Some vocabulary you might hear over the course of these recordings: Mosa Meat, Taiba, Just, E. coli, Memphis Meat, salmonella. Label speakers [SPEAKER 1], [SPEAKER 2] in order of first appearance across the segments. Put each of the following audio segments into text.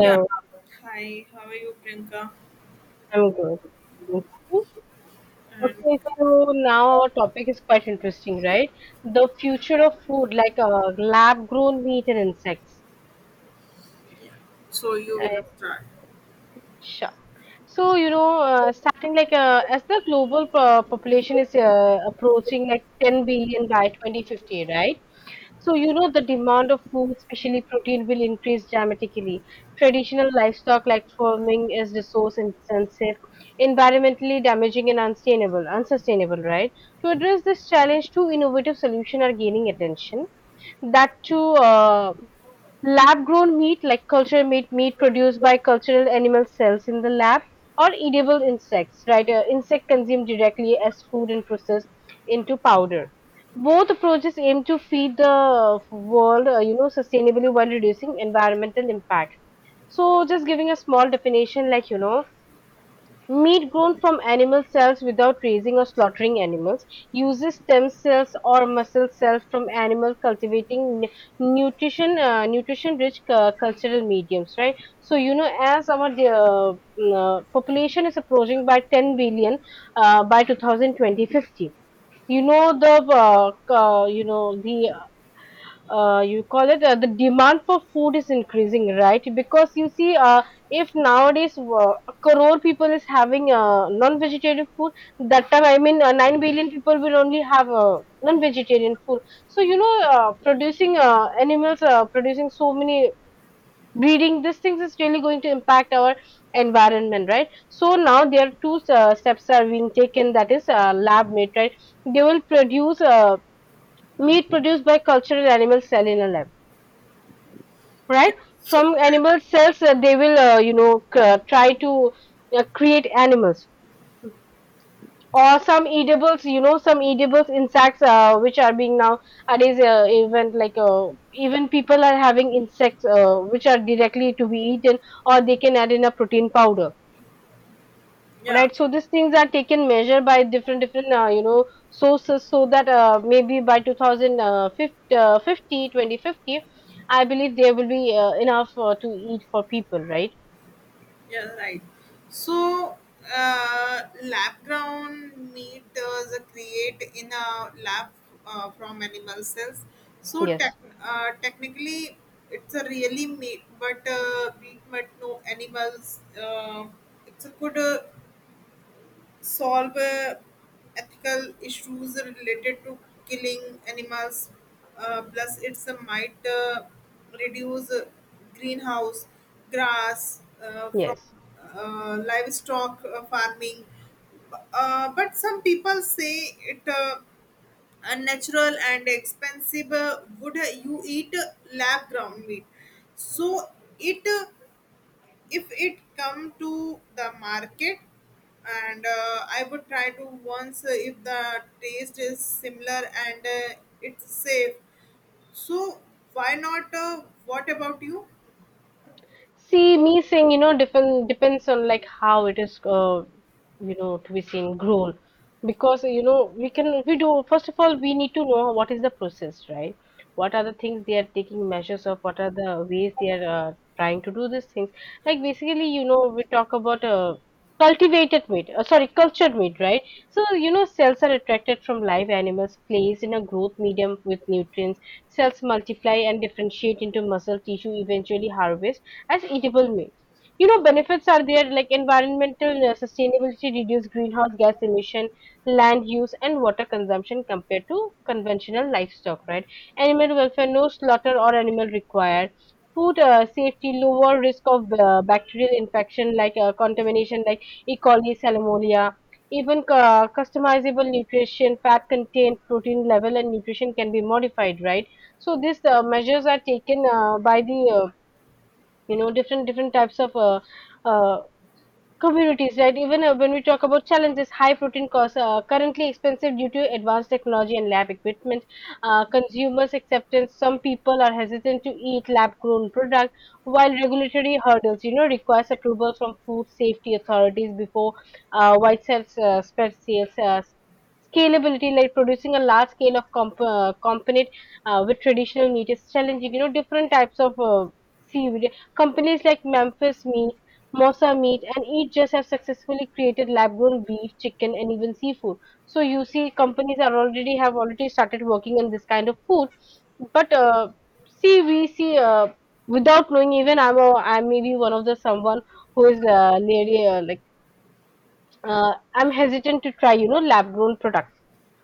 [SPEAKER 1] Yeah. Hi, how are you, Priyanka?
[SPEAKER 2] I'm good. Thank you.
[SPEAKER 1] And
[SPEAKER 2] Okay, so now our topic is quite interesting, right? The future of food, like lab-grown meat and insects.
[SPEAKER 1] yeah. So you will
[SPEAKER 2] Right.
[SPEAKER 1] start.
[SPEAKER 2] Sure. So, you know, starting like as the global population is approaching like 10 billion by 2050, right? So, you know, the demand of food, especially protein, will increase dramatically. Traditional livestock like farming is resource intensive, environmentally damaging and unsustainable, right? To address this challenge, two innovative solutions are gaining attention. That too, lab grown meat like culture meat produced by cultural animal cells in the lab, or edible insects, right? Insect consumed directly as food and processed into powder. Both approaches aim to feed the world, sustainably while reducing environmental impact. So, just giving a small definition, like you know, meat grown from animal cells without raising or slaughtering animals, uses stem cells or muscle cells from animal cultivating nutrition-rich cultural mediums, right? So, you know, as our population is approaching by 10 billion by 2020, you know the you call it the demand for food is increasing, right? Because you see, if nowadays, a crore people is having non-vegetarian food, that time, I mean, 9 billion people will only have non-vegetarian food. So, you know, producing, animals, producing so many, breeding these things is really going to impact our environment, right? So now there are two steps are being taken, that is lab made, right? They will produce meat produced by cultural animal cell in a lab, right?
[SPEAKER 1] Yeah. So
[SPEAKER 2] From
[SPEAKER 1] yeah,
[SPEAKER 2] animal cells, they will, try to create animals, or some edibles, you know, some edibles insects, which are being nowadays, even like even people are having insects, which are directly to be eaten, or they can add in a protein powder,
[SPEAKER 1] yeah,
[SPEAKER 2] right? So these things are taken measure by different different, sources, so that maybe by 2050, 2050, I believe there will be enough to eat for people, right?
[SPEAKER 1] yeah, right. So lab ground meat is create in a lab from animal cells. So
[SPEAKER 2] Yes,
[SPEAKER 1] technically, it's a really meat, but no animals. It's a good. Solve ethical issues related to killing animals. Plus, it's a might reduce greenhouse grass from
[SPEAKER 2] yes.
[SPEAKER 1] livestock farming. But some people say it unnatural and expensive. Would you eat lab ground meat? So it. If it come to the market and I would try to once if the taste is similar and it's safe, so why not, what about you?
[SPEAKER 2] See, me saying, you know, depends on like how it is, you know, to be seen grown. Because you know, we do first of all we need to know what is the process, right? What are the things they are taking measures of? What are the ways they are trying to do these things? Like basically, you know, we talk about cultivated meat, sorry, cultured meat, right? So you know, cells are attracted from live animals, placed in a growth medium with nutrients. Cells multiply and differentiate into muscle tissue, eventually harvest as eatable meat. You know, benefits are there, like environmental sustainability, reduce greenhouse gas emission, land use, and water consumption compared to conventional livestock, right? Animal welfare, no slaughter or animal required. Food safety, lower risk of bacterial infection, like contamination like E. coli, salmonella. Even customizable nutrition, fat content, protein level, and nutrition can be modified, right? So these measures are taken by the, different different types of uh, communities, right? Even when we talk about challenges, high protein costs are currently expensive due to advanced technology and lab equipment. Consumers' acceptance, some people are hesitant to eat lab-grown products, while regulatory hurdles, you know, requires approval from food safety authorities before widespread spread sales. Scalability, like producing a large scale of component with traditional meat, is challenging. You know, different types of seaweed. Companies like Memphis Meat, Mosa Meat, and each Just have successfully created lab-grown beef, chicken, and even seafood. So you see, companies are already have already started working on this kind of food. But see, we see, without knowing. Even I may be one of the someone who is nearly like I'm hesitant to try, you know, lab-grown products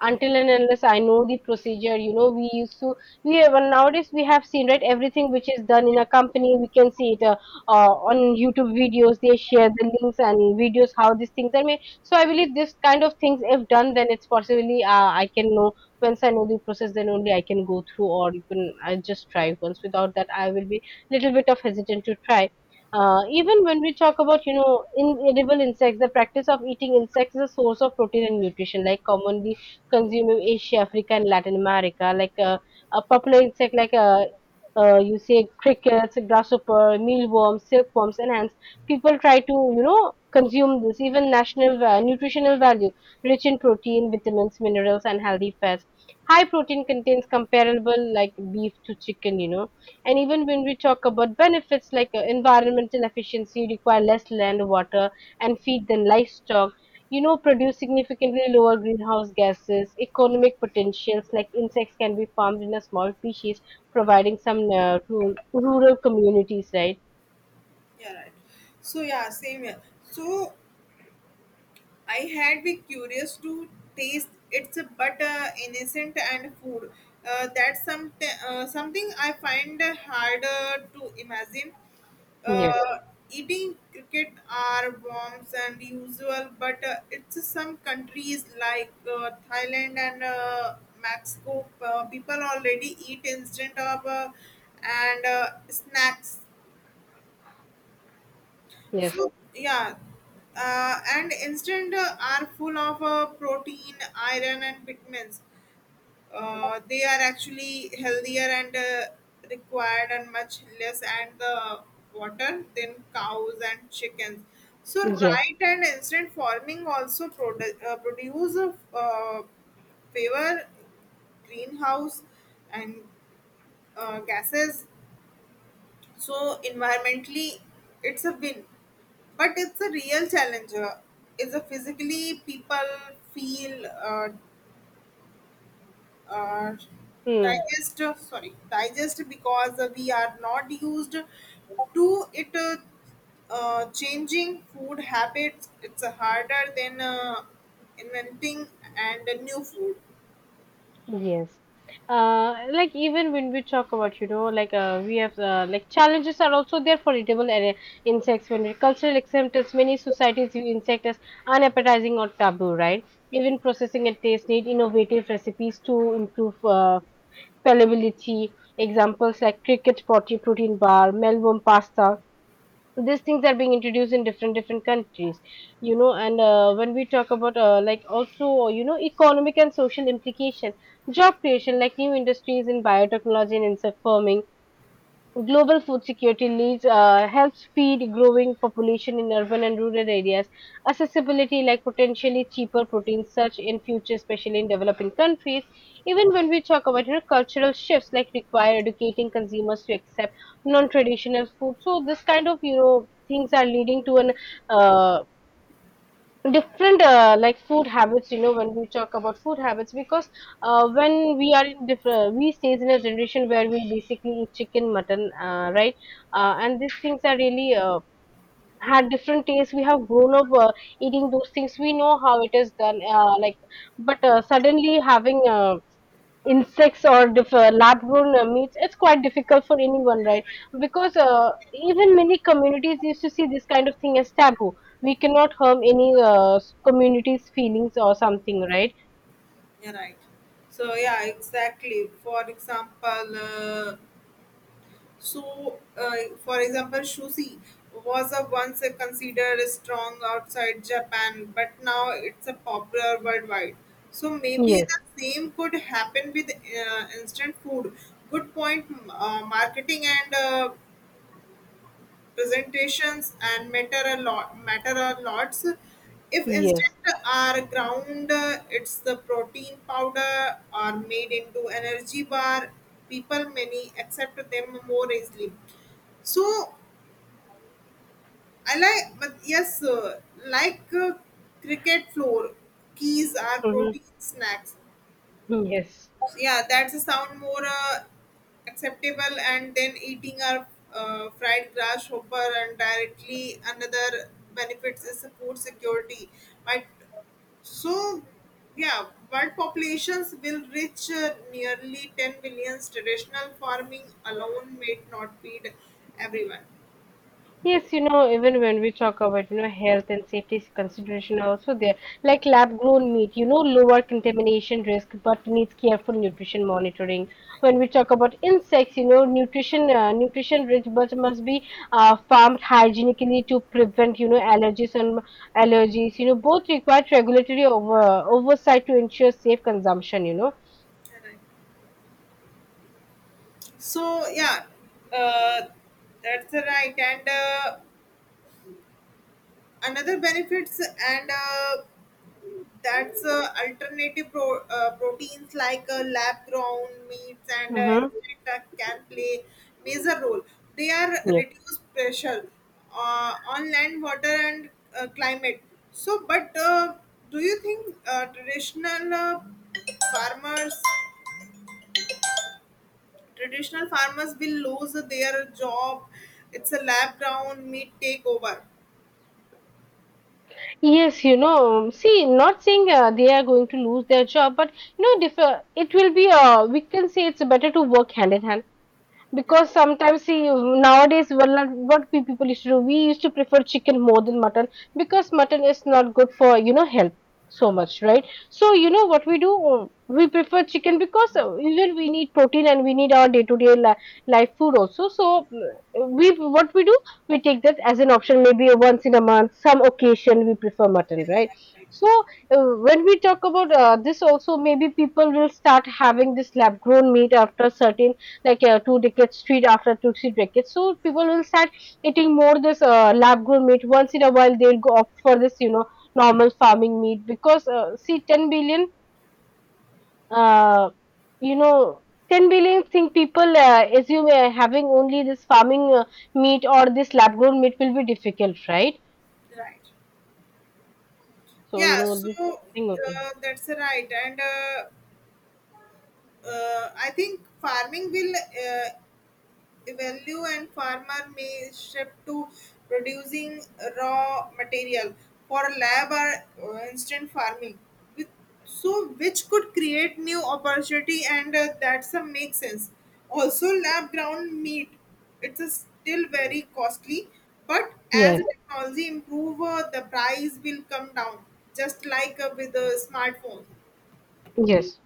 [SPEAKER 2] until and unless I know the procedure. You know, we even nowadays we have seen, right, everything which is done in a company, we can see it on YouTube videos. They share the links and videos how these things are made. So I believe this kind of things, if done, then it's possibly I can know. Once I know the process, then only I can go through, or you can I just try once. Without that, I will be little bit of hesitant to try. Even when we talk about, you know, inedible insects, the practice of eating insects is a source of protein and nutrition, like commonly consume in Asia, Africa, and Latin America. Like a popular insect, like you say crickets, grasshopper, mealworms, silkworms, and ants. People try to, you know, consume this. Even nutritional value, rich in protein, vitamins, minerals, and healthy fats. High protein contains comparable like beef to chicken, you know. And even when we talk about benefits, like environmental efficiency, you require less land, water, and feed than livestock, you know, produce significantly lower greenhouse gases. Economic potentials like insects can be farmed in a small species, providing some rural communities, right?
[SPEAKER 1] Yeah, right. So yeah, same here. So I had been curious to taste, it's a but innocent and food, that's some something I find harder to imagine.
[SPEAKER 2] Yes,
[SPEAKER 1] Uh, Eating cricket are worms and usual, but it's some countries like Thailand and Mexico. People already eat instant of and snacks.
[SPEAKER 2] yes,
[SPEAKER 1] So yeah, and instant are full of protein, iron, and vitamins, they are actually healthier and required and much less and the water than cows and chickens. So
[SPEAKER 2] yes,
[SPEAKER 1] right, and instant farming also produce a favor greenhouse and gases, so environmentally it's a win. But it's a real challenge, is a physically people feel uh,
[SPEAKER 2] mm,
[SPEAKER 1] digest, sorry, digest because we are not used to it, changing food habits, it's harder than inventing and a new food.
[SPEAKER 2] yes. Like even when we talk about, you know, like we have like challenges are also there for edible insects. When it cultural acceptance, many societies view insects as unappetizing or taboo, right? Even processing and taste need innovative recipes to improve. Fallibility. Examples like cricket potty, protein bar, mealworm pasta. So these things are being introduced in different different countries, you know. And when we talk about like also, you know, economic and social implication, job creation like new industries in biotechnology and insect farming. Global food security leads, helps feed growing population in urban and rural areas. Accessibility, like potentially cheaper protein, such in future, especially in developing countries. Even when we talk about, you know, cultural shifts, like require educating consumers to accept non-traditional food. So this kind of, you know, things are leading to an uh, different like food habits, you know, when we talk about food habits, because when we are in different, we stays in a generation where we basically eat chicken mutton, right, and these things are really had different tastes. We have grown up eating those things. We know how it is done, like, but suddenly having insects, or lab-grown meats, it's quite difficult for anyone, right? Because even many communities used to see this kind of thing as taboo. We cannot harm any community's feelings or something, right?
[SPEAKER 1] You're right. So yeah, exactly, for example so, for example, sushi was a once a considered strong outside Japan, but now it's a popular worldwide. So maybe the
[SPEAKER 2] Yes.
[SPEAKER 1] same could happen with instant food. Good point. Marketing and presentations and matter a lot matter a lots if insect
[SPEAKER 2] Yes.
[SPEAKER 1] are ground, it's the protein powder are made into energy bar, people many accept them more easily. So I like, but yes, like uh, cricket floor keys are
[SPEAKER 2] Hmm.
[SPEAKER 1] protein snacks.
[SPEAKER 2] Yes.
[SPEAKER 1] Yeah, that's a sound more acceptable and then eating our fried grasshopper and directly. Another benefits is the food security, but so yeah, world populations will reach nearly 10 billion, traditional farming alone may not feed everyone.
[SPEAKER 2] Yes, you know, even when we talk about, you know, health and safety consideration are also there, like lab grown meat, you know, lower contamination risk, but needs careful nutrition monitoring. When we talk about insects, you know, nutrition rich, but must be farmed hygienically to prevent, you know, allergies. You know, both require regulatory oversight to ensure safe consumption, you know.
[SPEAKER 1] Correct. So yeah, uh, that's right, and another benefits and that's alternative proteins like lab grown meats and
[SPEAKER 2] Mm-hmm.
[SPEAKER 1] insect can play major role, they are reduced pressure on land water and climate. So but do you think traditional farmers, traditional farmers will lose their job, it's a lab grown meat takeover?
[SPEAKER 2] Yes, you know, see, not saying they are going to lose their job, but you know, it will be, we can say it's better to work hand in hand because, sometimes see, nowadays, well, not what we people used to do, we used to prefer chicken more than mutton because mutton is not good for, you know, health so much, right? So you know what we do, we prefer chicken because, even we need protein and we need our day to day life food also. So we, what we do, we take that as an option. Maybe once in a month some occasion we prefer mutton, right? So when we talk about this also, maybe people will start having this lab grown meat after certain, like, two decades, three, after two, three decades. So people will start eating more this lab grown meat. Once in a while, they'll go opt for this, you know, normal farming meat because, see, 10 billion, uh, you know, 10 billion think people assume having only this farming meat or this lab grown meat will be difficult, right?
[SPEAKER 1] Right.
[SPEAKER 2] So,
[SPEAKER 1] Yeah,
[SPEAKER 2] you know, this
[SPEAKER 1] so
[SPEAKER 2] thing, okay.
[SPEAKER 1] that's right and I think farming will value and farmer may shift to producing raw material for lab or instant farming. With, so which could create new opportunity and that's a make sense. Also lab ground meat, it's a still very costly, but as
[SPEAKER 2] Yes,
[SPEAKER 1] the technology improve, the price will come down. Just like with the smartphone.
[SPEAKER 2] yes.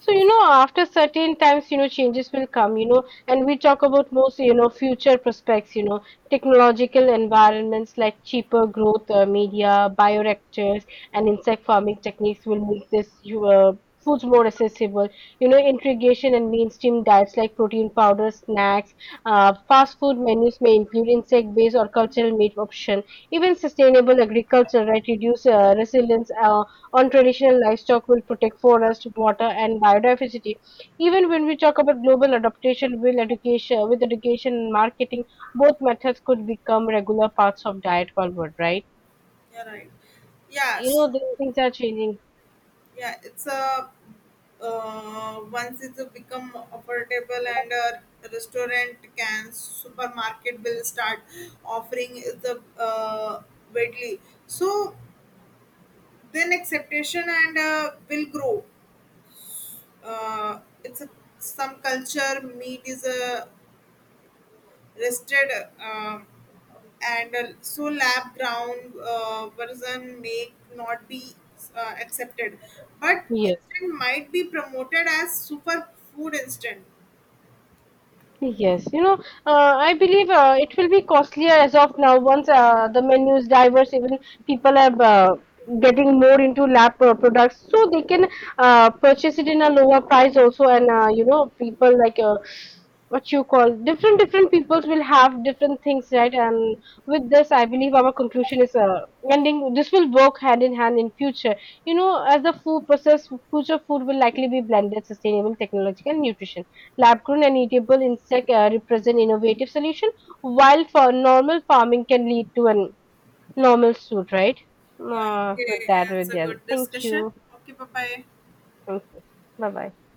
[SPEAKER 2] So, you know, after certain times, you know, changes will come, you know, and we talk about most, you know, future prospects, you know, technological environments like cheaper growth, media, bioreactors, and insect farming techniques will make this you, foods more accessible. You know, integration and mainstream diets like protein powder, snacks, fast food menus may include insect-based or cultural meat option. Even sustainable agriculture, right, reduce resilience. On traditional livestock will protect forest, water, and biodiversity. Even when we talk about global adaptation, will education with education and marketing, both methods could become regular parts of diet forward, right?
[SPEAKER 1] Yeah, right. Yeah.
[SPEAKER 2] You
[SPEAKER 1] So
[SPEAKER 2] know, these things are changing.
[SPEAKER 1] yeah, it's a once it's become affordable and a restaurant can supermarket will start offering the widely. So then acceptation and will grow. It's a, some culture meat is a rested um, and so lab ground version may not be accepted but
[SPEAKER 2] Yes.
[SPEAKER 1] instant might be promoted as super food instant.
[SPEAKER 2] Yes, you know, I believe it will be costlier as of now. Once the menu is diverse, even people are getting more into products, so they can purchase it in a lower price also. And you know, people like what you call, different different peoples will have different things, right? And with this, I believe our conclusion is ending. This will work hand in hand in future. You know, as the food process, future food will likely be blended, sustainable, technological, nutrition. Lab-grown and eatable insects represent innovative solution, while for normal farming can lead to a normal suit, right?
[SPEAKER 1] Yeah,
[SPEAKER 2] With
[SPEAKER 1] okay,
[SPEAKER 2] that,
[SPEAKER 1] it's
[SPEAKER 2] with
[SPEAKER 1] a
[SPEAKER 2] the
[SPEAKER 1] good
[SPEAKER 2] thank
[SPEAKER 1] discussion.
[SPEAKER 2] you.
[SPEAKER 1] Okay, bye bye.
[SPEAKER 2] Thank you. Bye bye.